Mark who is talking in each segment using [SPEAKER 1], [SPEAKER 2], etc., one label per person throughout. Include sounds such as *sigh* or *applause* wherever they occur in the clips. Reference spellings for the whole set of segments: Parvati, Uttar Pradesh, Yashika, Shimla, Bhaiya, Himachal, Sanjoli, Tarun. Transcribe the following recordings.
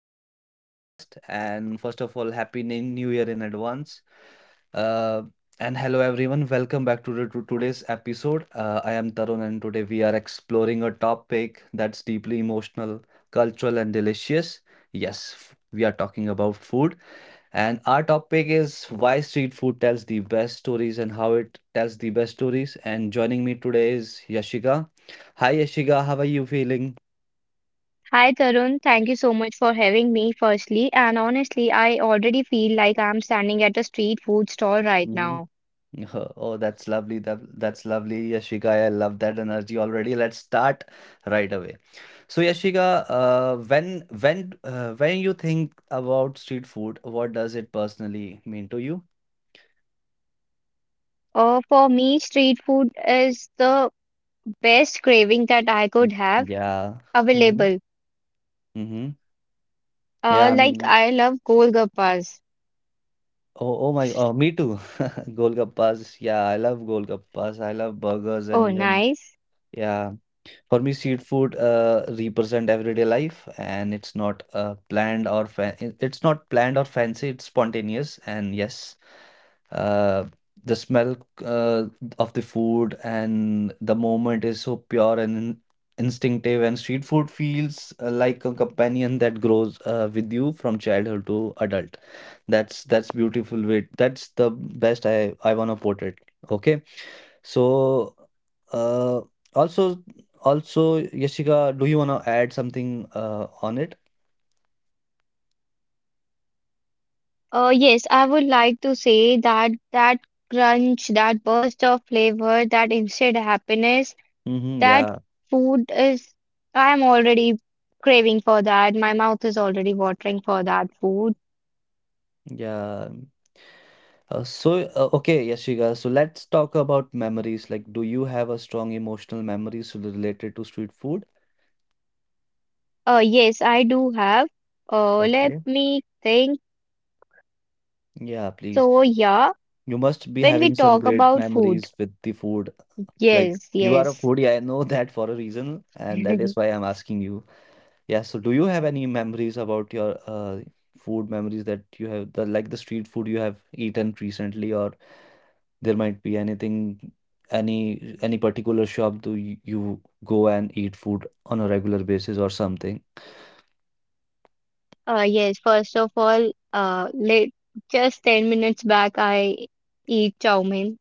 [SPEAKER 1] to another podcast. And first of all, happy New Year in advance. Uh, and hello everyone, welcome back to today's episode. I am Tarun, and today we are exploring a topic that's deeply emotional, cultural, and delicious. Yes, we are talking about food. And our topic is why street food tells the best stories and how it tells the best stories. And joining me today is Yashika. Hi, Yashika, how are you feeling?
[SPEAKER 2] Hi Tarun, thank you so much for having me firstly. And honestly, I already feel like I'm standing at a street food stall right now.
[SPEAKER 1] *laughs* Oh, that's lovely. That's lovely, Yashika. I love that energy already. Let's start right away. So, Yashika, when you think about street food, what does it personally mean to you?
[SPEAKER 2] For me, street food is the best craving that I
[SPEAKER 1] Mm.
[SPEAKER 2] could have
[SPEAKER 1] Yeah. Mm-hmm.
[SPEAKER 2] available.
[SPEAKER 1] Mm-hmm. Yeah.
[SPEAKER 2] Like
[SPEAKER 1] Mm.
[SPEAKER 2] I love golgappas.
[SPEAKER 1] Oh my. Oh, me too. *laughs* Golgappas. Yeah, I love golgappas. I love burgers
[SPEAKER 2] Oh,
[SPEAKER 1] and even
[SPEAKER 2] nice.
[SPEAKER 1] yeah. For me, street food represent everyday life, and it's not planned or fa- it- it's not planned or fancy. It's spontaneous, and yes, uh, the smell uh, of the food and the moment is so pure and instinctive. And street food feels like a companion that grows with you from childhood to adult. That's beautiful way. That's the best I wanna put it. Okay. So, uh, also, also, Yashika, do you wanna add something on it?
[SPEAKER 2] Yes, I would like to say that crunch, that burst of flavor, that instant happiness.
[SPEAKER 1] Mm-hmm,
[SPEAKER 2] That
[SPEAKER 1] yeah,
[SPEAKER 2] food is, I'm already craving for that. My mouth is already watering for that food.
[SPEAKER 1] yeah. So, okay, Yashika. So let's talk about memories. Like, do you have a strong emotional memories related to street food?
[SPEAKER 2] Yes, I do have. Let
[SPEAKER 1] Okay.
[SPEAKER 2] me think.
[SPEAKER 1] Yeah, please.
[SPEAKER 2] So, yeah,
[SPEAKER 1] You must be
[SPEAKER 2] when we
[SPEAKER 1] having some
[SPEAKER 2] talk
[SPEAKER 1] great
[SPEAKER 2] about food,
[SPEAKER 1] memories with the food. Like,
[SPEAKER 2] yes,
[SPEAKER 1] you are a
[SPEAKER 2] yes.
[SPEAKER 1] foodie. I know *laughs* that for a reason, and that is
[SPEAKER 2] *laughs*
[SPEAKER 1] why I'm asking you. Yeah, so do you have any memories about your food memories that you have the like the street food you have eaten recently, or there might be anything, any particular shop do you go and eat food on a regular basis or something?
[SPEAKER 2] Yes, first of all, let, Just 10 minutes back, I eat chow mein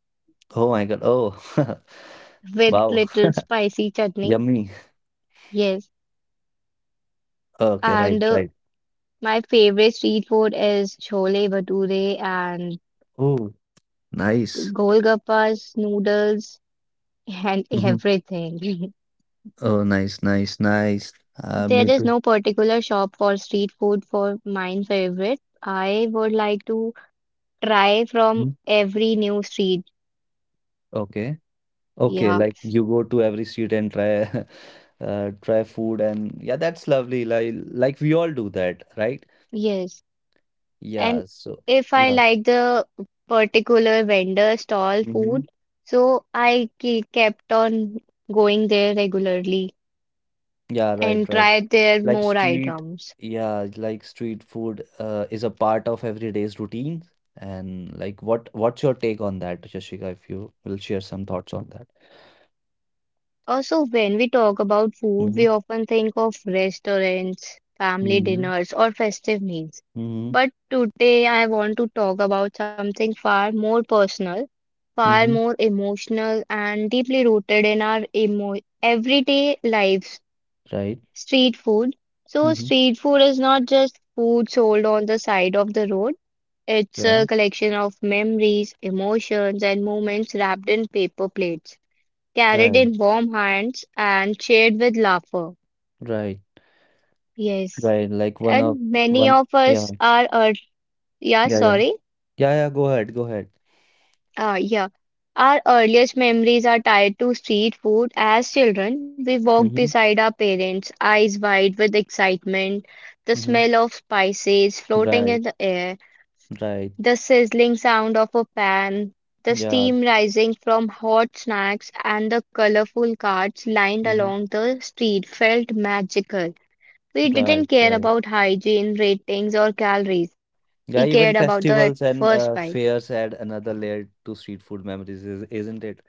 [SPEAKER 1] Oh my God. Oh, *laughs*
[SPEAKER 2] with
[SPEAKER 1] wow.
[SPEAKER 2] little spicy chutney.
[SPEAKER 1] Yummy.
[SPEAKER 2] Yes.
[SPEAKER 1] Okay, right,
[SPEAKER 2] And
[SPEAKER 1] right.
[SPEAKER 2] my favorite street food is chole bhature and
[SPEAKER 1] Oh, nice.
[SPEAKER 2] golgappas, noodles, and
[SPEAKER 1] Mhm.
[SPEAKER 2] everything. *laughs*
[SPEAKER 1] Oh, nice, nice, nice.
[SPEAKER 2] There is
[SPEAKER 1] Me
[SPEAKER 2] no
[SPEAKER 1] too.
[SPEAKER 2] particular shop for street food for mine favorite. I would like to try from
[SPEAKER 1] Mhm.
[SPEAKER 2] every new street.
[SPEAKER 1] Okay. Okay,
[SPEAKER 2] Yeah,
[SPEAKER 1] like you go to every street and try *laughs* try food and yeah, that's lovely. Like we all do that, right?
[SPEAKER 2] yes. And
[SPEAKER 1] Yeah, so
[SPEAKER 2] if I
[SPEAKER 1] yeah.
[SPEAKER 2] like the particular vendor stall
[SPEAKER 1] Mm-hmm.
[SPEAKER 2] food, so I kept on going there regularly
[SPEAKER 1] Yeah, right,
[SPEAKER 2] and
[SPEAKER 1] right.
[SPEAKER 2] tried their
[SPEAKER 1] Like
[SPEAKER 2] more
[SPEAKER 1] street,
[SPEAKER 2] items.
[SPEAKER 1] yeah, like street food is a part of everyday's routine. And like what's your take on that, Yashika, if you will share some thoughts on that?
[SPEAKER 2] Also, when we talk about food,
[SPEAKER 1] Mm-hmm.
[SPEAKER 2] we often think of restaurants, family
[SPEAKER 1] Mm-hmm.
[SPEAKER 2] dinners, or festive meals.
[SPEAKER 1] Mm-hmm.
[SPEAKER 2] But today, I want to talk about something far more personal, far
[SPEAKER 1] Mm-hmm.
[SPEAKER 2] more emotional, and deeply rooted in our emo everyday lives,
[SPEAKER 1] Right.
[SPEAKER 2] street food. So,
[SPEAKER 1] Mm-hmm.
[SPEAKER 2] street food is not just food sold on the side of the road. It's
[SPEAKER 1] Yeah.
[SPEAKER 2] a collection of memories, emotions, and moments wrapped in paper plates carried
[SPEAKER 1] Right.
[SPEAKER 2] in warm hands and shared with laughter.
[SPEAKER 1] Right.
[SPEAKER 2] Yes,
[SPEAKER 1] Right. Like one of
[SPEAKER 2] and many
[SPEAKER 1] one,
[SPEAKER 2] of
[SPEAKER 1] yeah.
[SPEAKER 2] us are, ear yeah,
[SPEAKER 1] Yeah, yeah.
[SPEAKER 2] sorry,
[SPEAKER 1] Yeah, yeah, go ahead, go ahead.
[SPEAKER 2] yeah. Our earliest memories are tied to street food. As children, we walked
[SPEAKER 1] Mm-hmm,
[SPEAKER 2] beside our parents, eyes wide with excitement, the
[SPEAKER 1] mm-hmm.
[SPEAKER 2] smell of spices floating in
[SPEAKER 1] Right,
[SPEAKER 2] the air,
[SPEAKER 1] right.
[SPEAKER 2] the sizzling sound of a pan, the
[SPEAKER 1] Yeah,
[SPEAKER 2] steam rising from hot snacks, and the colorful carts lined
[SPEAKER 1] mm-hmm.
[SPEAKER 2] along the street felt magical. We didn't
[SPEAKER 1] Right,
[SPEAKER 2] care
[SPEAKER 1] right.
[SPEAKER 2] about hygiene ratings or calories. We
[SPEAKER 1] Yeah,
[SPEAKER 2] cared
[SPEAKER 1] even
[SPEAKER 2] about the
[SPEAKER 1] festivals and
[SPEAKER 2] first bite.
[SPEAKER 1] fairs add another layer to street food memories, isn't it?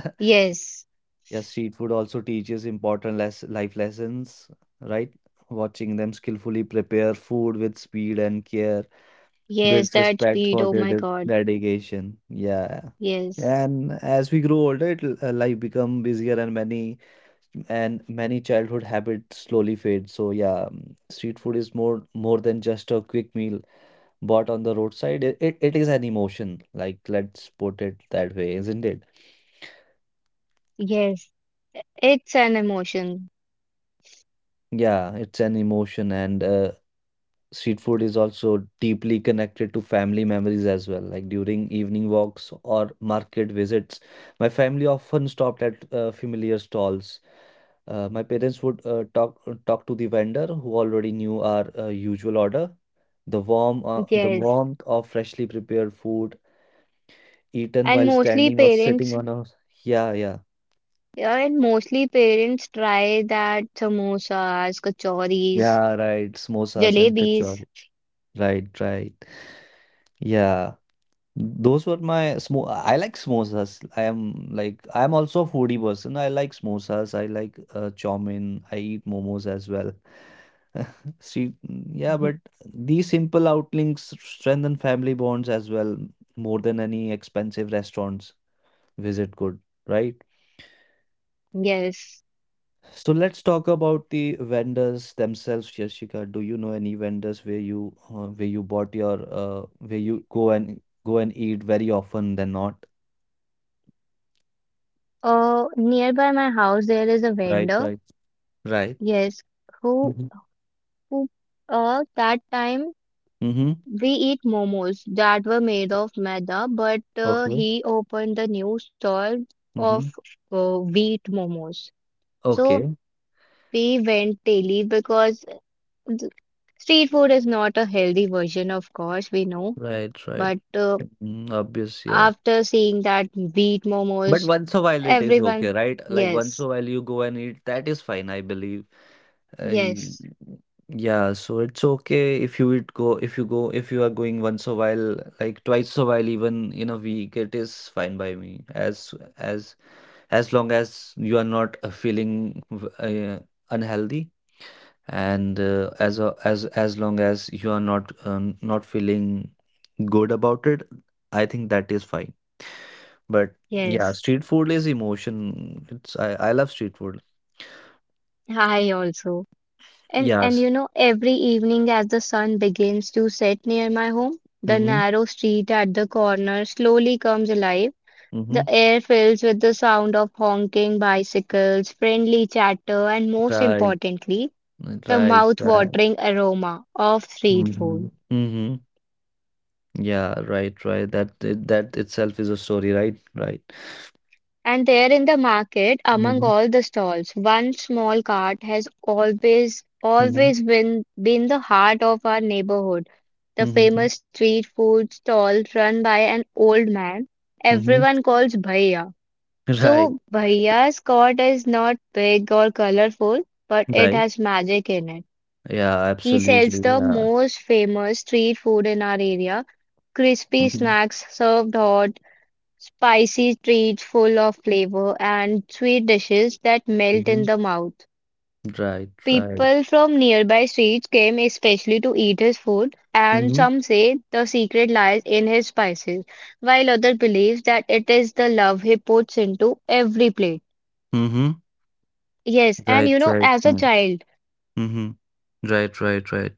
[SPEAKER 1] *laughs*
[SPEAKER 2] Yes,
[SPEAKER 1] Yeah, street food also teaches important less life lessons, right? Watching them skillfully prepare food with speed and care
[SPEAKER 2] yes,
[SPEAKER 1] builds
[SPEAKER 2] that
[SPEAKER 1] respect
[SPEAKER 2] speed.
[SPEAKER 1] for
[SPEAKER 2] Oh
[SPEAKER 1] their
[SPEAKER 2] my
[SPEAKER 1] de
[SPEAKER 2] God.
[SPEAKER 1] dedication. Yeah.
[SPEAKER 2] Yes,
[SPEAKER 1] And as we grow older, life become busier and many childhood habits slowly fade. So yeah, street food is more than just a quick meal bought on the roadside. It is an emotion. Like let's put it that way, isn't it?
[SPEAKER 2] yes. It's an emotion.
[SPEAKER 1] Yeah, it's an emotion, and street food is also deeply connected to family memories as well. Like during evening walks or market visits, my family often stopped at familiar stalls. My parents would talk to the vendor who already knew our usual order. The
[SPEAKER 2] Yes.
[SPEAKER 1] warmth of freshly prepared food eaten
[SPEAKER 2] And
[SPEAKER 1] while
[SPEAKER 2] mostly
[SPEAKER 1] standing or sitting
[SPEAKER 2] parents,
[SPEAKER 1] on a, yeah, yeah,
[SPEAKER 2] yeah, and mostly parents try that samosas, kachoris,
[SPEAKER 1] yeah, right, samosas and
[SPEAKER 2] jalebis.
[SPEAKER 1] kachori, right, right, yeah. Those were my smo I like samosas. I am also a foodie person. I like samosas. I like chow mein. I eat momos as well. *laughs* See, yeah, but
[SPEAKER 2] *laughs*
[SPEAKER 1] these simple outlinks strengthen family bonds as well, more than any expensive restaurants visit could, right?
[SPEAKER 2] Yes.
[SPEAKER 1] So let's talk about the vendors themselves, Yashika. Do you know any vendors where you go and eat very often than not?
[SPEAKER 2] Nearby my house there is a
[SPEAKER 1] Right,
[SPEAKER 2] vendor.
[SPEAKER 1] right. Right.
[SPEAKER 2] Yes, who
[SPEAKER 1] Mhm.
[SPEAKER 2] who that time
[SPEAKER 1] Mhm.
[SPEAKER 2] we eat momos that were made of maida, but
[SPEAKER 1] Okay.
[SPEAKER 2] he opened the new stall of
[SPEAKER 1] Mhm.
[SPEAKER 2] wheat momos. So
[SPEAKER 1] Okay.
[SPEAKER 2] we went daily because uh, th- street food is not a healthy version, of course, we know.
[SPEAKER 1] Right, right.
[SPEAKER 2] But
[SPEAKER 1] Mm, obvious, yeah.
[SPEAKER 2] after seeing that wheat
[SPEAKER 1] But
[SPEAKER 2] momos,
[SPEAKER 1] once a while it is
[SPEAKER 2] everyone,
[SPEAKER 1] okay, right? Like once
[SPEAKER 2] yes,
[SPEAKER 1] a while you go and eat, that is fine, I believe. Uh, you-
[SPEAKER 2] yes,
[SPEAKER 1] yeah, so it's okay if you would go, if you are going once a while, like twice a while, even in a week, it is fine by me. As long as you are not feeling unhealthy, and as as long as you are not not feeling good about it. I think that is fine, but yeah,
[SPEAKER 2] yes.
[SPEAKER 1] street food is emotion. It's i i love street food.
[SPEAKER 2] I also. And
[SPEAKER 1] Yes.
[SPEAKER 2] you know, every evening as the sun begins to set near my home, the
[SPEAKER 1] Mm-hmm.
[SPEAKER 2] narrow street at the corner slowly comes alive.
[SPEAKER 1] Mm-hmm.
[SPEAKER 2] The air fills with the sound of honking bicycles, friendly chatter, and most
[SPEAKER 1] Right,
[SPEAKER 2] importantly, the
[SPEAKER 1] right, right.
[SPEAKER 2] mouth-watering aroma of street
[SPEAKER 1] Mm-hmm.
[SPEAKER 2] food.
[SPEAKER 1] Mm-hmm. Yeah, right, right, that that itself is a story, right, right.
[SPEAKER 2] And there in the market, among
[SPEAKER 1] Mm-hmm.
[SPEAKER 2] all the stalls, one small cart has always,
[SPEAKER 1] Mm-hmm.
[SPEAKER 2] always been the heart of our neighborhood. The
[SPEAKER 1] Mm-hmm.
[SPEAKER 2] famous street food stall run by an old man
[SPEAKER 1] Mm-hmm.
[SPEAKER 2] everyone calls Bhaiya.
[SPEAKER 1] Right,
[SPEAKER 2] So, Bhaiya's cart is not big or colorful, but it
[SPEAKER 1] right,
[SPEAKER 2] has magic in it.
[SPEAKER 1] yeah,
[SPEAKER 2] He sells
[SPEAKER 1] absolutely,
[SPEAKER 2] the
[SPEAKER 1] yeah.
[SPEAKER 2] most famous street food in our area, crispy
[SPEAKER 1] Mm-hmm.
[SPEAKER 2] snacks served hot, spicy treats full of flavor, and sweet dishes that melt in
[SPEAKER 1] Mm-hmm.
[SPEAKER 2] the mouth.
[SPEAKER 1] Right, right.
[SPEAKER 2] People from nearby streets came especially to eat his food, and
[SPEAKER 1] Mhm.
[SPEAKER 2] some say the secret lies in his spices, while others believe that it is the love he puts into every plate.
[SPEAKER 1] Mhm.
[SPEAKER 2] Yes, and
[SPEAKER 1] Right,
[SPEAKER 2] you know,
[SPEAKER 1] right,
[SPEAKER 2] as a
[SPEAKER 1] right.
[SPEAKER 2] child,
[SPEAKER 1] Mhm. Right, right, right.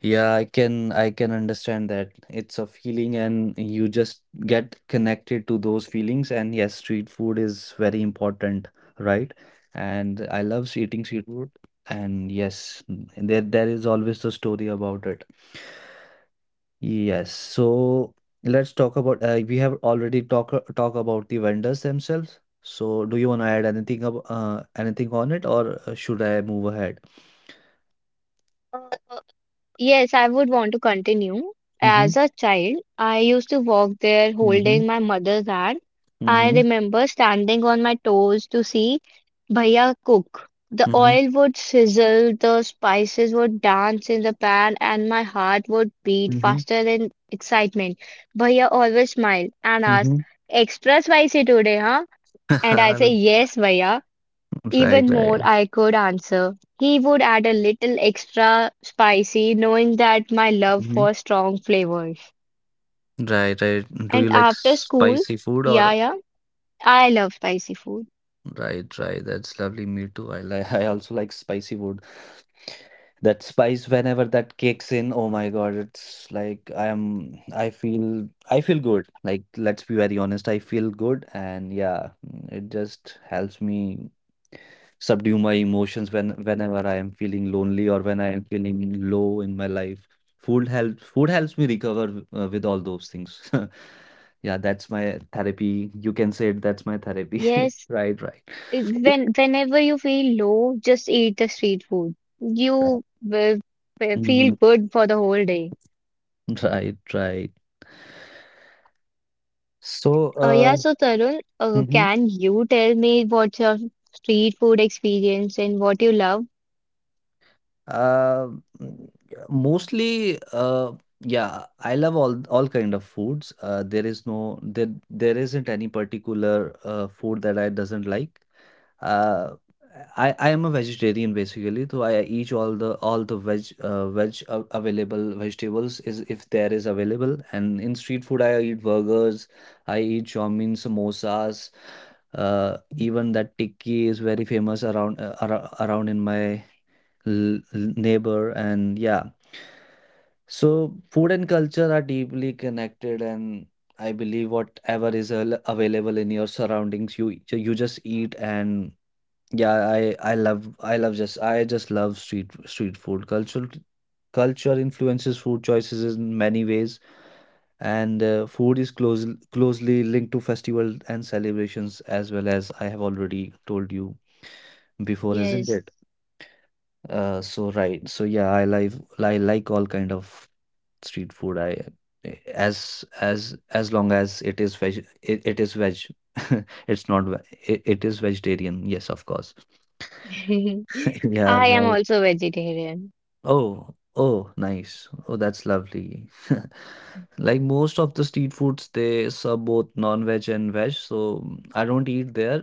[SPEAKER 1] Yeah, I can understand that. It's a feeling and you just get connected to those feelings, and yes, street food is very important, right? And I love eating street food, and yes, there is always the story about it. Yes, so let's talk about, we have already talk about the vendors themselves. So do you want to add anything ab anything on it, or should I move ahead?
[SPEAKER 2] yes, I would want to continue.
[SPEAKER 1] Mm-hmm.
[SPEAKER 2] As a child, I used to walk there
[SPEAKER 1] Mm-hmm.
[SPEAKER 2] holding my mother's hand. I
[SPEAKER 1] Mm-hmm.
[SPEAKER 2] remember standing on my toes to see Bhaiya cook. The
[SPEAKER 1] Mm-hmm.
[SPEAKER 2] oil would sizzle, the spices would dance in the pan, and my heart would beat
[SPEAKER 1] Mm-hmm.
[SPEAKER 2] faster in excitement. Bhaiya always smiled and asked,
[SPEAKER 1] Mm-hmm.
[SPEAKER 2] "Extra spicy today, huh?" And I say,
[SPEAKER 1] *laughs*
[SPEAKER 2] "Yes, Bhaiya.
[SPEAKER 1] Right,
[SPEAKER 2] Even more,
[SPEAKER 1] right.
[SPEAKER 2] I could answer." He would add a little extra spicy, knowing that my love
[SPEAKER 1] Hmm.
[SPEAKER 2] for strong flavors.
[SPEAKER 1] Right, right. Do you
[SPEAKER 2] And
[SPEAKER 1] like
[SPEAKER 2] after school,
[SPEAKER 1] spicy food
[SPEAKER 2] yeah,
[SPEAKER 1] or
[SPEAKER 2] yeah, I love spicy food.
[SPEAKER 1] right, right. That's lovely. Me too. I like *laughs* I also like spicy food. That spice whenever that kicks in, oh my God, it's like I feel good. Like let's be very honest, I feel good, and yeah, it just helps me subdue my emotions whenever I am feeling lonely or when I am feeling low in my life. Food helps me recover with all those things. *laughs* Yeah, that's my therapy. You can say it, that's my therapy.
[SPEAKER 2] Yes,
[SPEAKER 1] *laughs* Right, right.
[SPEAKER 2] when whenever you feel low, just eat the street food.
[SPEAKER 1] Yeah.
[SPEAKER 2] You will feel
[SPEAKER 1] Mhm.
[SPEAKER 2] good for the whole day.
[SPEAKER 1] Right, right. So, uh,
[SPEAKER 2] Yeah, so Tarun,
[SPEAKER 1] mhm.
[SPEAKER 2] can you tell me what's your street food experience and what you love?
[SPEAKER 1] Uh, mm, mostly, yeah, I love all kind of foods. There is no there isn't any particular food that I doesn't like. Uh, I am a vegetarian basically, so I eat all the veg available vegetables is if there is available. And in street food, I eat burgers, I eat chow mein, samosas. Even that tikki is very famous around ar around in my neighbor, and yeah, so food and culture are deeply connected, and I believe whatever is available in your surroundings, you just eat, and yeah, I just love street food culture. Culture influences food choices in many ways, and food is closely linked to festivals and celebrations, as well, as I have already told you before, isn't
[SPEAKER 2] Yes.
[SPEAKER 1] it? So right. So yeah, I like all kind of street food. I as long as it is veg, it is veg. *laughs* It's not ve- it is vegetarian. Yes, of course. *laughs*
[SPEAKER 2] *laughs*
[SPEAKER 1] Yeah,
[SPEAKER 2] I am
[SPEAKER 1] right.
[SPEAKER 2] also vegetarian.
[SPEAKER 1] Oh, nice. Oh, that's lovely. *laughs* Like most of the street foods, they serve both non-veg and veg, so I don't eat there.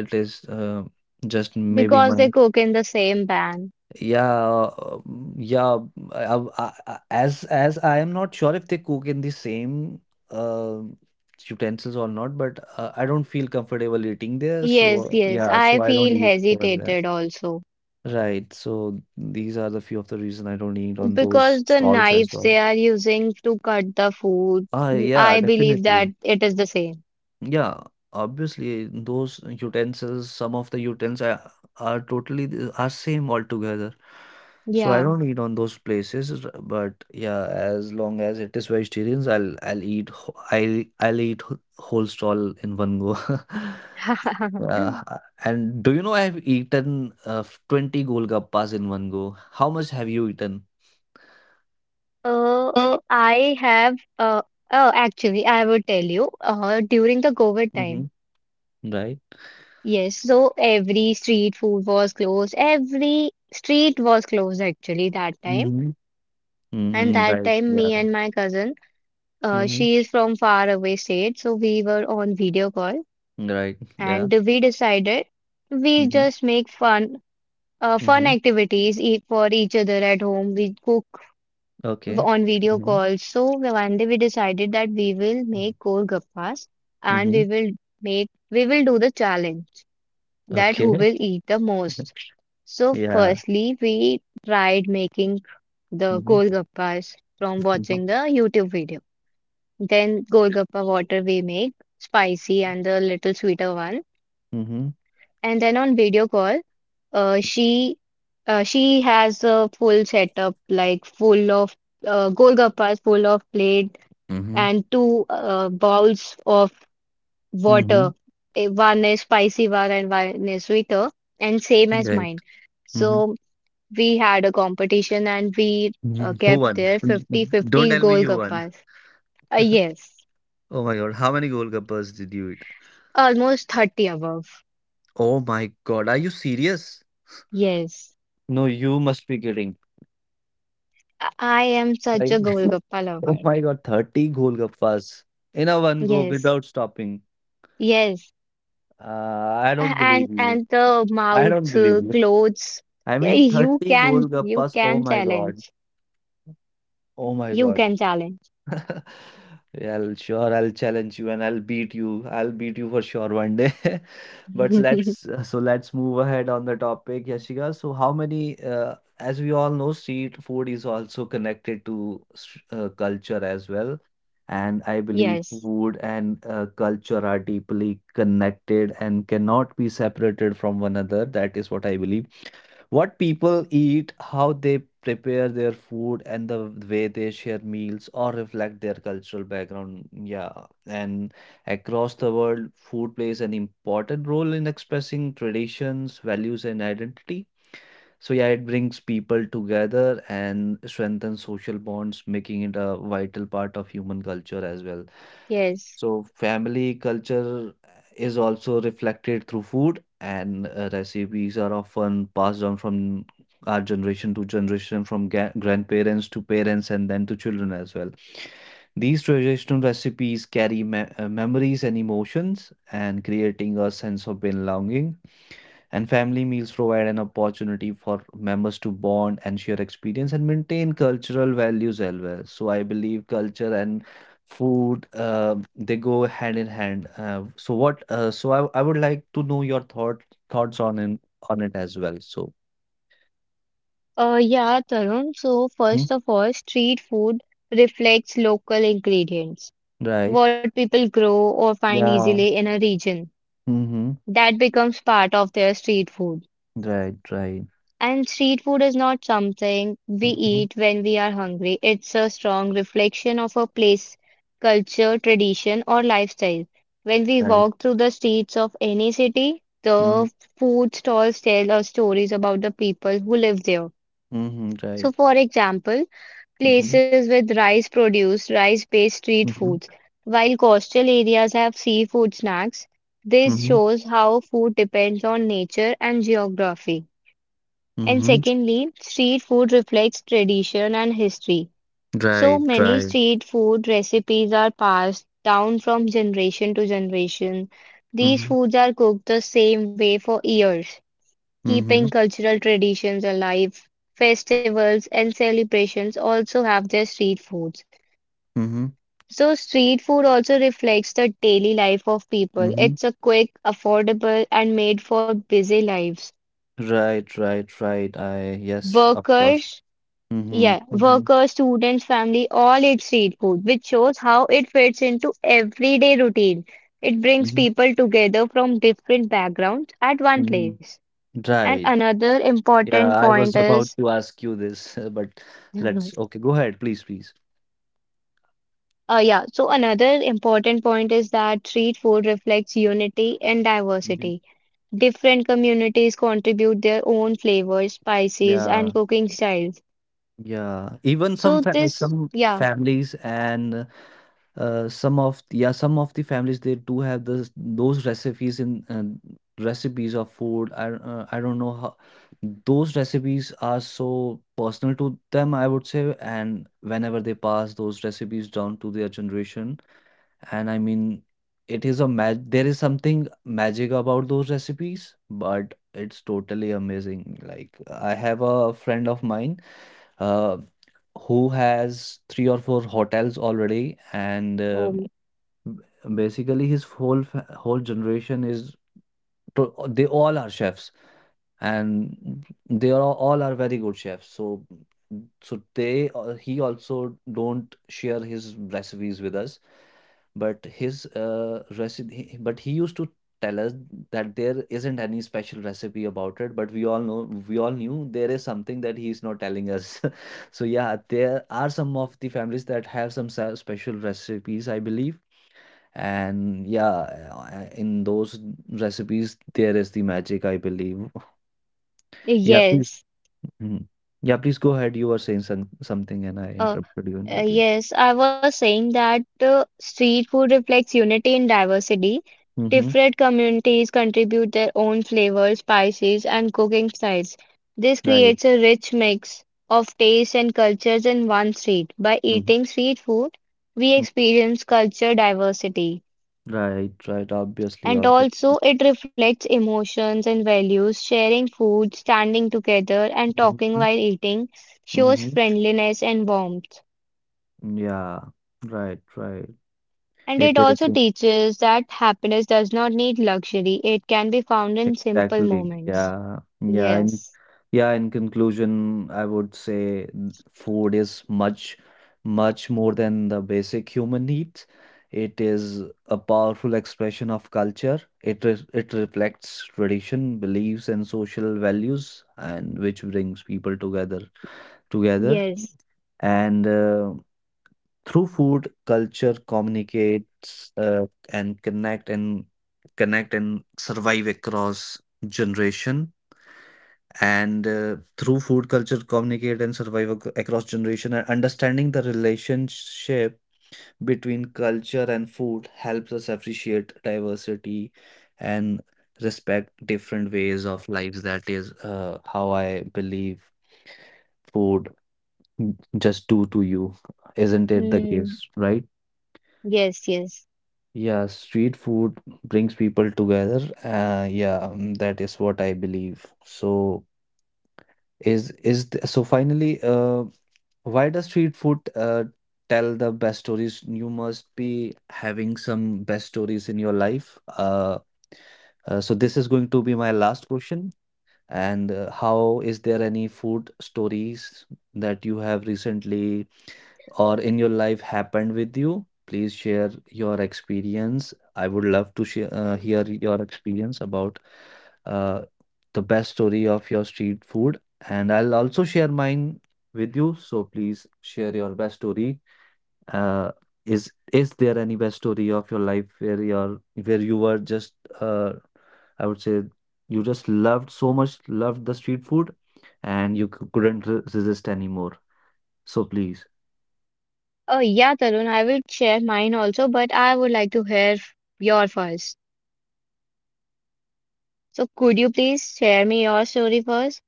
[SPEAKER 1] It is just maybe
[SPEAKER 2] Because they
[SPEAKER 1] my.
[SPEAKER 2] cook in the same pan.
[SPEAKER 1] Yeah, yeah. As I am not sure if they cook in the same uh, utensils or not, but I don't feel comfortable eating there.
[SPEAKER 2] Yes,
[SPEAKER 1] So
[SPEAKER 2] yes,
[SPEAKER 1] yeah,
[SPEAKER 2] I
[SPEAKER 1] so I don't
[SPEAKER 2] feel
[SPEAKER 1] eat over there.
[SPEAKER 2] hesitated also.
[SPEAKER 1] Right. So these are the few of the reason I don't eat on those
[SPEAKER 2] Because the
[SPEAKER 1] stalls as
[SPEAKER 2] knives they
[SPEAKER 1] well.
[SPEAKER 2] are using to cut the food,
[SPEAKER 1] Ah,
[SPEAKER 2] mm,
[SPEAKER 1] yeah,
[SPEAKER 2] I believe that
[SPEAKER 1] definitely.
[SPEAKER 2] it is the same.
[SPEAKER 1] Yeah, obviously those utensils, some of the utensils are same altogether. So I
[SPEAKER 2] Yeah.
[SPEAKER 1] don't eat on those places, but yeah, as long as it is vegetarians, I'll eat whole stall in one go. *laughs*
[SPEAKER 2] *laughs*
[SPEAKER 1] Uh, and do you know I have eaten 20 golgappas in one go? How much have you eaten?
[SPEAKER 2] Uh, I have, oh, actually, I would tell you, during the COVID time.
[SPEAKER 1] Hmm. Right.
[SPEAKER 2] Yes, so every street food was closed. Every street was closed actually that time.
[SPEAKER 1] Mm-hmm.
[SPEAKER 2] And
[SPEAKER 1] Mm-hmm.
[SPEAKER 2] that
[SPEAKER 1] Right.
[SPEAKER 2] time,
[SPEAKER 1] Yeah.
[SPEAKER 2] me and my cousin.
[SPEAKER 1] Mm-hmm.
[SPEAKER 2] She is from far away state, so we were on video call
[SPEAKER 1] Right. Yeah.
[SPEAKER 2] and we decided we just make fun
[SPEAKER 1] Mm-hmm.
[SPEAKER 2] activities eat for each other at home. We cook
[SPEAKER 1] okay.
[SPEAKER 2] on video
[SPEAKER 1] హ్మ్.
[SPEAKER 2] calls. So one day we decided that we will
[SPEAKER 1] హ్మ్.
[SPEAKER 2] make golgappas and
[SPEAKER 1] హుహు.
[SPEAKER 2] we will do the challenge that
[SPEAKER 1] okay.
[SPEAKER 2] who will eat the most. So
[SPEAKER 1] yeah!
[SPEAKER 2] firstly we tried making the
[SPEAKER 1] హుహు.
[SPEAKER 2] golgappas from
[SPEAKER 1] హుహు.
[SPEAKER 2] watching the YouTube video. Then Golgappa water we make, spicy and the little sweeter one.
[SPEAKER 1] హుహు.
[SPEAKER 2] And then on video call, uh, she she has a full setup like full of Golgappas, full of plate
[SPEAKER 1] హుహు.
[SPEAKER 2] and two bowls of
[SPEAKER 1] హుహు.
[SPEAKER 2] water. Eh, one is spicy one and one is sweeter, and same as mine.
[SPEAKER 1] Right. హుహు. హుహు.
[SPEAKER 2] So we had a competition and we
[SPEAKER 1] *laughs* Who
[SPEAKER 2] kept
[SPEAKER 1] won?
[SPEAKER 2] there fifty
[SPEAKER 1] Don't
[SPEAKER 2] fifty 50
[SPEAKER 1] tell me you won.
[SPEAKER 2] Golgappas. Yes,
[SPEAKER 1] Oh my God. How many goalkeepers did you eat?
[SPEAKER 2] almost 30 above.
[SPEAKER 1] Oh my God. Are you serious?
[SPEAKER 2] Yes,
[SPEAKER 1] No, you must be kidding.
[SPEAKER 2] I am such
[SPEAKER 1] Like,
[SPEAKER 2] a
[SPEAKER 1] *laughs*
[SPEAKER 2] Golgappa
[SPEAKER 1] oh
[SPEAKER 2] lover.
[SPEAKER 1] my God, 30 golgappas in a one go
[SPEAKER 2] Yes,
[SPEAKER 1] without stopping.
[SPEAKER 2] yes,
[SPEAKER 1] I
[SPEAKER 2] A-
[SPEAKER 1] don't
[SPEAKER 2] and
[SPEAKER 1] believe
[SPEAKER 2] and
[SPEAKER 1] you.
[SPEAKER 2] the mouth
[SPEAKER 1] I don't believe you.
[SPEAKER 2] clothes.
[SPEAKER 1] I
[SPEAKER 2] Yeah,
[SPEAKER 1] mean 30
[SPEAKER 2] You
[SPEAKER 1] golgappas. Oh
[SPEAKER 2] can
[SPEAKER 1] my God.
[SPEAKER 2] challenge.
[SPEAKER 1] Oh my
[SPEAKER 2] You
[SPEAKER 1] God.
[SPEAKER 2] can challenge.
[SPEAKER 1] *laughs* Yeah, I'll challenge you and I'll beat you. I'll beat you for sure one day. *laughs* But
[SPEAKER 2] *laughs*
[SPEAKER 1] let's move ahead on the topic, Yashika. So how many as we all know, street food is also connected to culture as well. And I believe
[SPEAKER 2] Yes,
[SPEAKER 1] food and culture are deeply connected and cannot be separated from one another. That is what I believe what people eat, how they prepare their food, and the way they share meals or reflect their cultural background. Yeah, and across the world, food plays an important role in expressing traditions, values, and identity. So yeah, it brings people together and strengthens social bonds, making it a vital part of human culture as well.
[SPEAKER 2] yes.
[SPEAKER 1] So family culture is also reflected through food, and recipes are often passed down from our generation to generation, from grandparents to parents, and then to children as well. These traditional recipes carry memories and emotions, and creating a sense of belonging and family meals provide an opportunity for members to bond and share experience and maintain cultural values as well. So I believe culture and food, they go hand in hand. So I would like to know your thoughts on it as well. So
[SPEAKER 2] Yeah, Tarun. So
[SPEAKER 1] mhm.
[SPEAKER 2] first of all, street food reflects local ingredients,
[SPEAKER 1] Right.
[SPEAKER 2] what people grow or find
[SPEAKER 1] Yeah.
[SPEAKER 2] easily in a region.
[SPEAKER 1] Mm-hmm.
[SPEAKER 2] That becomes part of their street food.
[SPEAKER 1] Right, right.
[SPEAKER 2] And street food is not something we
[SPEAKER 1] Mm-hmm.
[SPEAKER 2] eat when we are hungry. It's a strong reflection of a place, culture, tradition, or lifestyle. When we
[SPEAKER 1] Right.
[SPEAKER 2] walk through the streets of any city,
[SPEAKER 1] Mm-hmm.
[SPEAKER 2] the food stalls tell us stories about the people who live there.
[SPEAKER 1] Mm-hmm.
[SPEAKER 2] So,
[SPEAKER 1] Right.
[SPEAKER 2] for example,
[SPEAKER 1] Mm-hmm.
[SPEAKER 2] places with rice produce rice-based street
[SPEAKER 1] Mm-hmm.
[SPEAKER 2] foods, while coastal areas have seafood snacks. This
[SPEAKER 1] Mm-hmm.
[SPEAKER 2] shows how food depends on nature and geography. And
[SPEAKER 1] Mm-hmm.
[SPEAKER 2] secondly, street food reflects tradition and history. So
[SPEAKER 1] Right,
[SPEAKER 2] many
[SPEAKER 1] right.
[SPEAKER 2] street food recipes are passed down from generation to generation. These
[SPEAKER 1] Mm-hmm.
[SPEAKER 2] foods are cooked the same way for years,
[SPEAKER 1] Mm-hmm.
[SPEAKER 2] keeping cultural traditions alive. Festivals and celebrations also have their street foods. So, street food also reflects the daily life of people.
[SPEAKER 1] Mm-hmm.
[SPEAKER 2] It's a quick, affordable, and made for busy lives.
[SPEAKER 1] Right, right, right. I, yes, of course.
[SPEAKER 2] Workers
[SPEAKER 1] Mm-hmm,
[SPEAKER 2] Yeah,
[SPEAKER 1] mm-hmm,
[SPEAKER 2] workers, students, family, all eat street food, which shows how it fits into everyday routine. It brings
[SPEAKER 1] mm-hmm,
[SPEAKER 2] people together from different backgrounds at one
[SPEAKER 1] mm-hmm.
[SPEAKER 2] place. And
[SPEAKER 1] Right.
[SPEAKER 2] another
[SPEAKER 1] Yeah,
[SPEAKER 2] important
[SPEAKER 1] I was
[SPEAKER 2] point
[SPEAKER 1] about
[SPEAKER 2] is,
[SPEAKER 1] to ask you this, *laughs* uh, but
[SPEAKER 2] *laughs*
[SPEAKER 1] let's
[SPEAKER 2] mhm,
[SPEAKER 1] okay, go ahead, please, please.
[SPEAKER 2] yeah, so another important point is that street food reflects unity and
[SPEAKER 1] Mhm.
[SPEAKER 2] diversity. Different communities contribute their own flavors, spices,
[SPEAKER 1] Yeah,
[SPEAKER 2] and cooking styles.
[SPEAKER 1] yeah. Even some
[SPEAKER 2] So
[SPEAKER 1] fa
[SPEAKER 2] this,
[SPEAKER 1] some
[SPEAKER 2] yeah,
[SPEAKER 1] families and some of the families they do have this those recipes in recipes of food. I don't know how those recipes are so personal to them, I would say, and whenever they pass those recipes down to their generation. And I mean, it is a mag there is something magic about those recipes, but it's totally amazing. Like I have a friend of mine uh who has three or four hotels already, and
[SPEAKER 2] um,
[SPEAKER 1] basically his whole generation to- they all are chefs and they are all are very good chefs. So so they he also don't share his recipes with us, but his recipe but he used to tell us that there isn't any special recipe about it, but we all know we all knew there is something that he's not telling us. *laughs* So yeah, there are some of the families that have some special recipes, I believe. And in those recipes, there is the magic, I believe. Yeah, please.
[SPEAKER 2] yes.
[SPEAKER 1] Mhm. Yeah, please go ahead. You were saying something and I
[SPEAKER 2] Uh,
[SPEAKER 1] interrupted you in between.
[SPEAKER 2] yes, I was saying that street food reflects unity in diversity.
[SPEAKER 1] Mm-hmm.
[SPEAKER 2] Different communities contribute their own flavors, spices, and cooking styles. This
[SPEAKER 1] Right.
[SPEAKER 2] creates a rich mix of tastes and cultures in one street. By
[SPEAKER 1] Mm-hmm.
[SPEAKER 2] eating street food, we experience culture diversity.
[SPEAKER 1] Right, right. Obviously,
[SPEAKER 2] And
[SPEAKER 1] obviously.
[SPEAKER 2] also, it reflects emotions and values. Sharing food, standing together, and talking
[SPEAKER 1] Mm-hmm.
[SPEAKER 2] while eating shows
[SPEAKER 1] Mm-hmm.
[SPEAKER 2] friendliness and warmth.
[SPEAKER 1] Yeah, right, right.
[SPEAKER 2] And
[SPEAKER 1] It
[SPEAKER 2] it
[SPEAKER 1] is
[SPEAKER 2] also teaches that happiness does not need luxury. It can be found in simple
[SPEAKER 1] exactly.
[SPEAKER 2] moments.
[SPEAKER 1] Yeah, yeah.
[SPEAKER 2] Yes.
[SPEAKER 1] Yeah, in conclusion, I would say food is much, much more than the basic human needs. It is a powerful expression of culture. It reflects tradition, beliefs, and social values, and which brings people together.
[SPEAKER 2] Yes.
[SPEAKER 1] And through food, culture communicates and connect and connect and survive across generation. And through food culture communicate and survive across generation, and understanding the relationship between culture and food helps us appreciate diversity and respect different ways of lives. That is how I believe food just do to you, isn't it the case,
[SPEAKER 2] Hmm.
[SPEAKER 1] right?
[SPEAKER 2] Yes, yes.
[SPEAKER 1] Yeah, street food brings people together yeah that is what I believe. So so finally, why does street food tell the best stories? You must be having some best stories in your life. So this is going to be my last question. And how is there any food stories that you have recently or in your life happened with you? Please share your experience. I would love to hear your experience about uh, the best story of your street food. And I'll also share mine with you. So please share your best story. Uh, is there any best story of your life where you were just uh, I would say, you just loved, so much loved, the street food and you couldn't resist anymore. So please.
[SPEAKER 2] Oh, yeah, Tarun, I will share mine also, but I would like to hear your first. So, could you please share me your story first?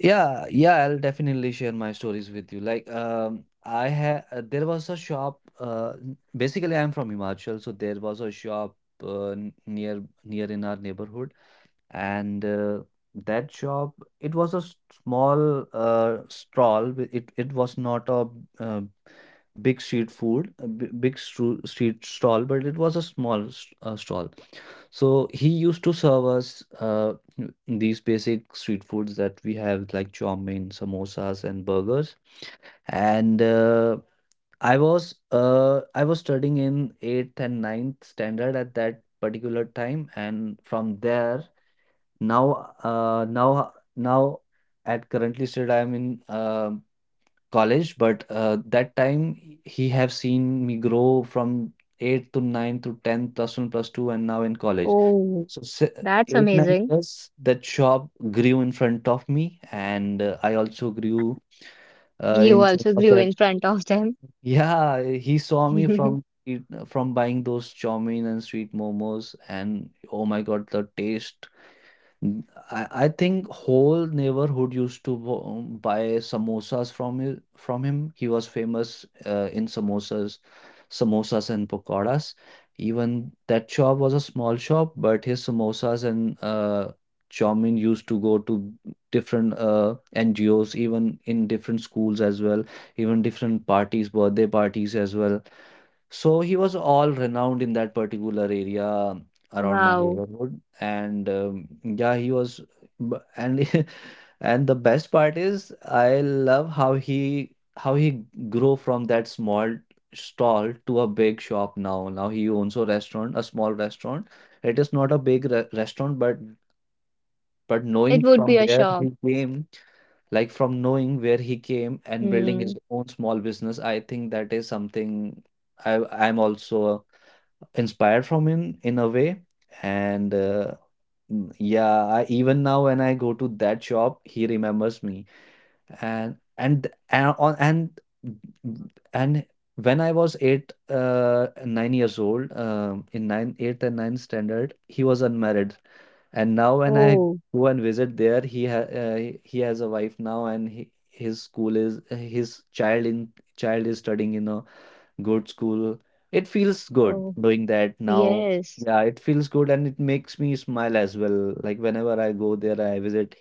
[SPEAKER 1] Yeah, yeah, I'll definitely share my stories with you. Like, I had there was a shop. Basically, I'm from Himachal, so there was a shop near in our neighborhood, and that shop, it was a small stall. It it was not a uh, big street food, a big street stall, but it was a small stall. So he used to serve us these basic street foods that we have, like chow mein, samosas, and burgers. And I was studying in eighth and ninth standard at that particular time, and from there now at currently state I am in college, but that time he have seen me grow from eighth to ninth to tenth, plus one, plus two, and now in college.
[SPEAKER 2] Oh,
[SPEAKER 1] So,
[SPEAKER 2] that's
[SPEAKER 1] eight, nine
[SPEAKER 2] amazing.
[SPEAKER 1] years, that shop grew in front of me, and I also grew
[SPEAKER 2] You
[SPEAKER 1] in front
[SPEAKER 2] also
[SPEAKER 1] of
[SPEAKER 2] grew
[SPEAKER 1] that.
[SPEAKER 2] in front of them.
[SPEAKER 1] Yeah, he saw me
[SPEAKER 2] *laughs*
[SPEAKER 1] from buying those chow mein and sweet momos, and oh my God, the taste. N- I think whole neighborhood used to buy samosas from him. He was famous in samosas, samosas and pakoras. Even that shop was a small shop, but his samosas and chow mein used to go to different NGOs, even in different schools as well, even different parties, birthday parties as well. So he was all renowned in that particular area around my
[SPEAKER 2] Wow.
[SPEAKER 1] neighborhood, and yeah, he was, b- and *laughs* and the best part is I love how he grew from that small stall to a big shop now. Now he owns a restaurant, a small restaurant. It is not a big re restaurant, but
[SPEAKER 2] It
[SPEAKER 1] knowing
[SPEAKER 2] would
[SPEAKER 1] from
[SPEAKER 2] be a
[SPEAKER 1] where he
[SPEAKER 2] shock.
[SPEAKER 1] came, like from knowing where he came and building his
[SPEAKER 2] Hmm.
[SPEAKER 1] own small business, I think that is something I'm also inspired from him in a way. And yeah, I, even now when I go to that shop, he remembers me. And on and and when I was eight, 9 years old, in eighth and ninth standard, he was unmarried. And now when I
[SPEAKER 2] Oh,
[SPEAKER 1] go and visit there, he has a wife now, and he, his school is his child in child is studying in a good school. It feels good
[SPEAKER 2] oh,
[SPEAKER 1] doing that now.
[SPEAKER 2] yes.
[SPEAKER 1] Yeah, it feels good and it makes me smile as well. Like whenever I go there, I visit,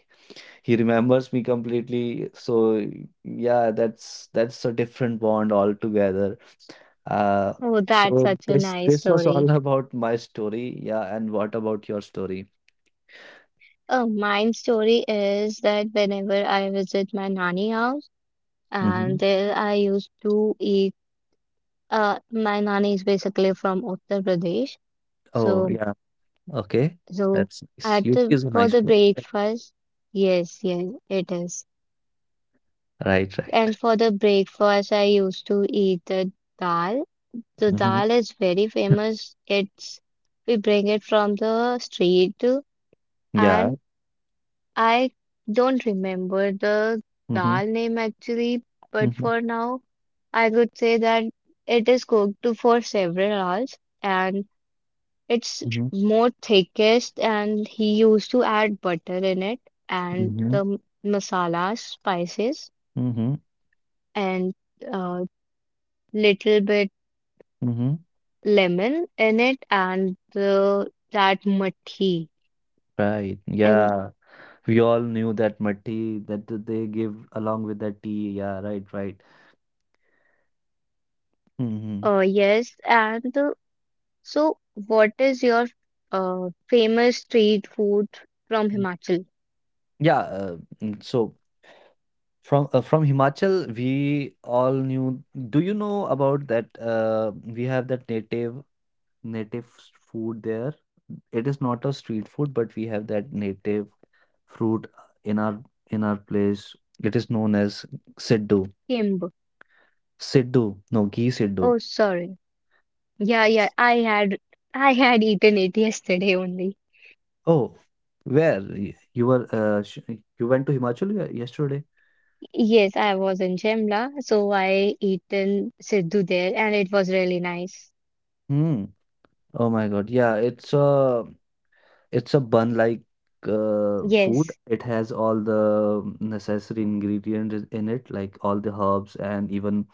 [SPEAKER 1] he remembers me completely. So yeah, that's a different bond altogether. Uh,
[SPEAKER 2] Oh, that's
[SPEAKER 1] so
[SPEAKER 2] such a
[SPEAKER 1] this
[SPEAKER 2] nice
[SPEAKER 1] this was
[SPEAKER 2] story.
[SPEAKER 1] all *laughs* about my story. Yeah, and what about your story?
[SPEAKER 2] Oh, mine story is that whenever I visit my nanny house,
[SPEAKER 1] Hmm.
[SPEAKER 2] and there I used to eat. My nanny is basically from Uttar Pradesh,
[SPEAKER 1] Oh
[SPEAKER 2] so
[SPEAKER 1] yeah, okay.
[SPEAKER 2] so
[SPEAKER 1] That's nice.
[SPEAKER 2] at
[SPEAKER 1] UP
[SPEAKER 2] the
[SPEAKER 1] is a
[SPEAKER 2] for
[SPEAKER 1] nice
[SPEAKER 2] the
[SPEAKER 1] place.
[SPEAKER 2] breakfast, yes, yes, it is.
[SPEAKER 1] Right, right.
[SPEAKER 2] And for the breakfast, I used to eat the dal. The
[SPEAKER 1] Hmm.
[SPEAKER 2] dal is very famous. It's we bring it from the street,
[SPEAKER 1] Yeah.
[SPEAKER 2] and I don't remember the
[SPEAKER 1] Hmm.
[SPEAKER 2] dal name actually, but
[SPEAKER 1] Hmm.
[SPEAKER 2] for now, I could say that it is cooked for several hours and it's
[SPEAKER 1] Hmm.
[SPEAKER 2] more thickest and he used to add butter in it and
[SPEAKER 1] Hmm.
[SPEAKER 2] the masalas, spices
[SPEAKER 1] Hmm.
[SPEAKER 2] and uh, little bit
[SPEAKER 1] Mhm.
[SPEAKER 2] lemon in it and the that muthi
[SPEAKER 1] Right.
[SPEAKER 2] and
[SPEAKER 1] Yeah. We all knew that matti that they give along with that tea. Yeah, right, right. Mhm.
[SPEAKER 2] yes and so, what is your famous street food from
[SPEAKER 1] Mm.
[SPEAKER 2] Himachal?
[SPEAKER 1] Yeah, uh, so from Himachal, we all knew. Do you know about that? We have that native native food there. It is not a street food, but we have that native fruit in our place. It is known as siddu.
[SPEAKER 2] Kimb.
[SPEAKER 1] Siddu, no, ghee siddu.
[SPEAKER 2] Oh, sorry. Yeah, yeah. I had eaten it *laughs* yesterday only.
[SPEAKER 1] Oh, where you were? Sh You went to Himachal yesterday?
[SPEAKER 2] Yes, I was in Shimla, so I eaten Siddhu there, and it was really nice.
[SPEAKER 1] Hmm. Oh my God! Yeah, it's a bun like food.
[SPEAKER 2] Yes,
[SPEAKER 1] It has all the necessary ingredients in it, like all the herbs and even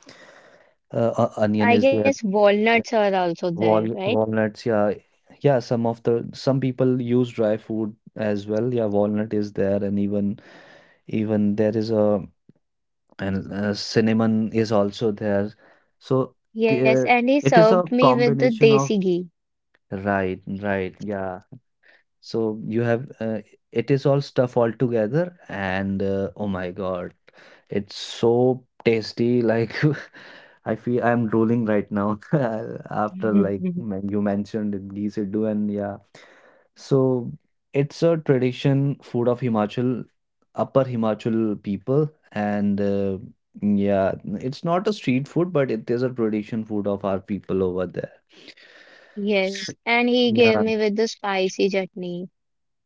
[SPEAKER 1] onion is
[SPEAKER 2] I
[SPEAKER 1] there.
[SPEAKER 2] guess walnuts are also there, right?
[SPEAKER 1] Walnuts, yeah, yeah. Some of the Some people use dry food as well. Yeah, walnut is there, and even even there is a and cinnamon is also there. So
[SPEAKER 2] Yes,
[SPEAKER 1] there
[SPEAKER 2] and he
[SPEAKER 1] it is a
[SPEAKER 2] served me with the
[SPEAKER 1] combination of,
[SPEAKER 2] desi ghee.
[SPEAKER 1] right, right, yeah. So you have it is all stuff all together, and oh my God, it's so tasty. Like *laughs* I feel I'm drooling right now, *laughs* after like
[SPEAKER 2] *laughs*
[SPEAKER 1] you mentioned it, ghee siddu and yeah. So it's a tradition food of Himachal, Upper Himachal people, and yeah, it's not a street food, but it is a tradition food of our people over there.
[SPEAKER 2] Yes,
[SPEAKER 1] S-
[SPEAKER 2] and he gave
[SPEAKER 1] Yeah.
[SPEAKER 2] me with the spicy chutney,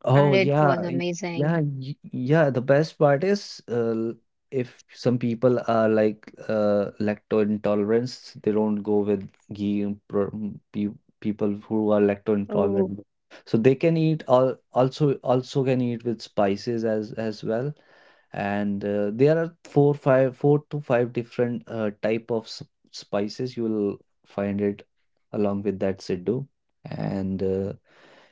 [SPEAKER 1] Oh,
[SPEAKER 2] and it was
[SPEAKER 1] yeah. y- Yeah.
[SPEAKER 2] amazing.
[SPEAKER 1] y- Yeah. The best part is if some people are like lacto intolerance, they don't go with ghee and pro- mm, pe people who are lacto
[SPEAKER 2] Oh.
[SPEAKER 1] intolerant. So they can eat all also also can eat with spices as well. And there are four to five different type of spices you will find it along with that siddu. And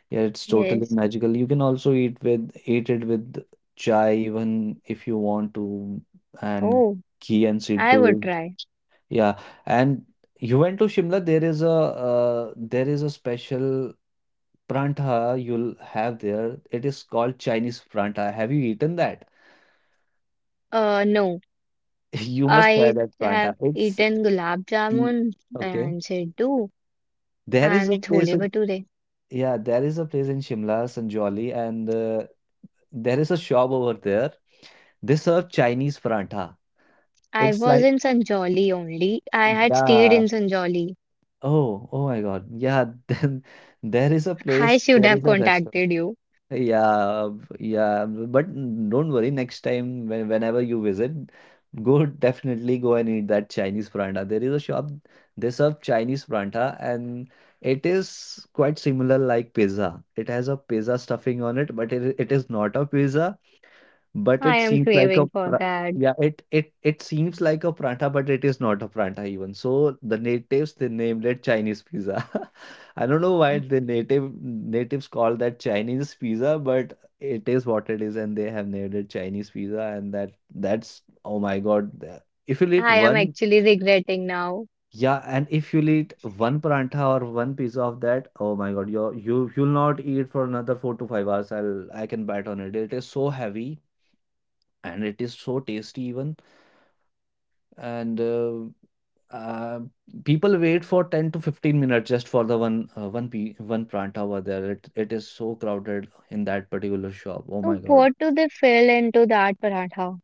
[SPEAKER 1] yeah, it's totally
[SPEAKER 2] Yes.
[SPEAKER 1] magical. You can also eat it with chai even if you want to, and
[SPEAKER 2] Oh,
[SPEAKER 1] ghee and
[SPEAKER 2] I would
[SPEAKER 1] siddu.
[SPEAKER 2] try.
[SPEAKER 1] Yeah, and you went to Shimla. There is a special prantha you'll have there. It is called Chinese prantha. Have you eaten that?
[SPEAKER 2] No,
[SPEAKER 1] *laughs* You must try
[SPEAKER 2] I
[SPEAKER 1] that prantha.
[SPEAKER 2] have eaten gulab
[SPEAKER 1] The-
[SPEAKER 2] jamun
[SPEAKER 1] okay.
[SPEAKER 2] and siddu
[SPEAKER 1] There is a
[SPEAKER 2] and
[SPEAKER 1] place
[SPEAKER 2] chole
[SPEAKER 1] in,
[SPEAKER 2] bhature.
[SPEAKER 1] yeah, there is a place in Shimla, Sanjoli, and there is a shop over there. They serve Chinese paratha.
[SPEAKER 2] I
[SPEAKER 1] It's
[SPEAKER 2] was
[SPEAKER 1] like,
[SPEAKER 2] in Sanjoli only. I had stayed
[SPEAKER 1] yeah.
[SPEAKER 2] in Sanjoli.
[SPEAKER 1] Oh, oh my God. Yeah, *laughs* then there is a
[SPEAKER 2] I
[SPEAKER 1] place,
[SPEAKER 2] should
[SPEAKER 1] there
[SPEAKER 2] have
[SPEAKER 1] is a restaurant.
[SPEAKER 2] contacted you.
[SPEAKER 1] Yeah, yeah. But don't worry, next time whenever you visit, go, definitely go and eat that Chinese paratha. There is a shop, they serve Chinese paratha and it is quite similar like pizza. It has a pizza stuffing on it, but it is not a pizza. But
[SPEAKER 2] I
[SPEAKER 1] it
[SPEAKER 2] am
[SPEAKER 1] seems like a
[SPEAKER 2] craving for
[SPEAKER 1] pra
[SPEAKER 2] that.
[SPEAKER 1] yeah, it seems like a pranta but it is not a pranta even. So the natives they named it Chinese pizza. *laughs* I don't know why the natives call that Chinese pizza, but it is what it is, and they have named it Chinese pizza, and that's oh my God. If you eat
[SPEAKER 2] I am
[SPEAKER 1] one,
[SPEAKER 2] actually regretting now.
[SPEAKER 1] yeah, and if you eat one pranta or one piece of that, oh my God, you'll not eat for another 4 to 5 hours. I can bet on it. It is so heavy and it is so tasty even, and uh, people wait for 10 to 15 minutes just for the one one p one pranta over there. It is so crowded in that particular shop, oh my
[SPEAKER 2] So
[SPEAKER 1] god.
[SPEAKER 2] what do they fill into that paratha?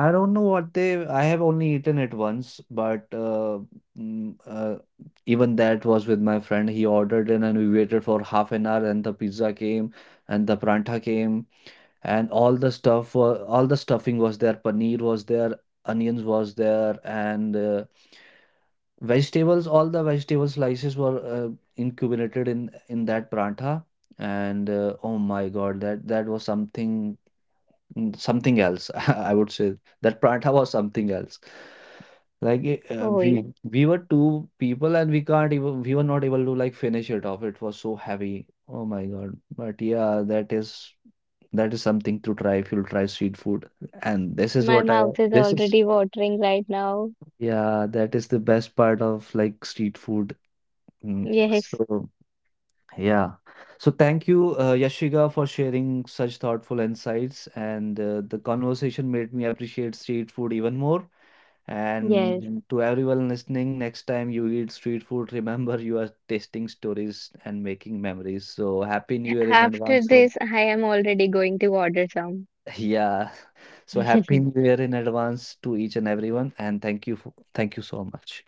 [SPEAKER 1] I don't know what they i have only eaten it once, but mm, uh, even that was with my friend. He ordered in and we waited for half an hour and the pizza came and the pranta came, and all the all the stuffing was there, paneer was there, onions was there, and vegetables all the vegetable slices were incubated in that prantha. And oh my god, that that was something something else, *laughs* I would say that prantha was something else. Like
[SPEAKER 2] Oh,
[SPEAKER 1] we were two people and we can't even we were not able to like finish it off, it was so heavy, oh my god. But yeah, that is something to try if you'll try street food. And this is
[SPEAKER 2] my mouth is
[SPEAKER 1] this is
[SPEAKER 2] already watering right now.
[SPEAKER 1] yeah, that is the best part of like street food.
[SPEAKER 2] Yes,
[SPEAKER 1] So yeah, so thank you Yashiga, for sharing such thoughtful insights, and the conversation made me appreciate street food even more.
[SPEAKER 2] yes.
[SPEAKER 1] And to everyone listening, next time you eat street food, *laughs* remember you are tasting stories and making memories. So happy new year in
[SPEAKER 2] After
[SPEAKER 1] advance from.
[SPEAKER 2] this, I am already going to order some.
[SPEAKER 1] Yeah. So happy
[SPEAKER 2] *laughs*
[SPEAKER 1] new year in advance to each and everyone, and thank you thank you so much.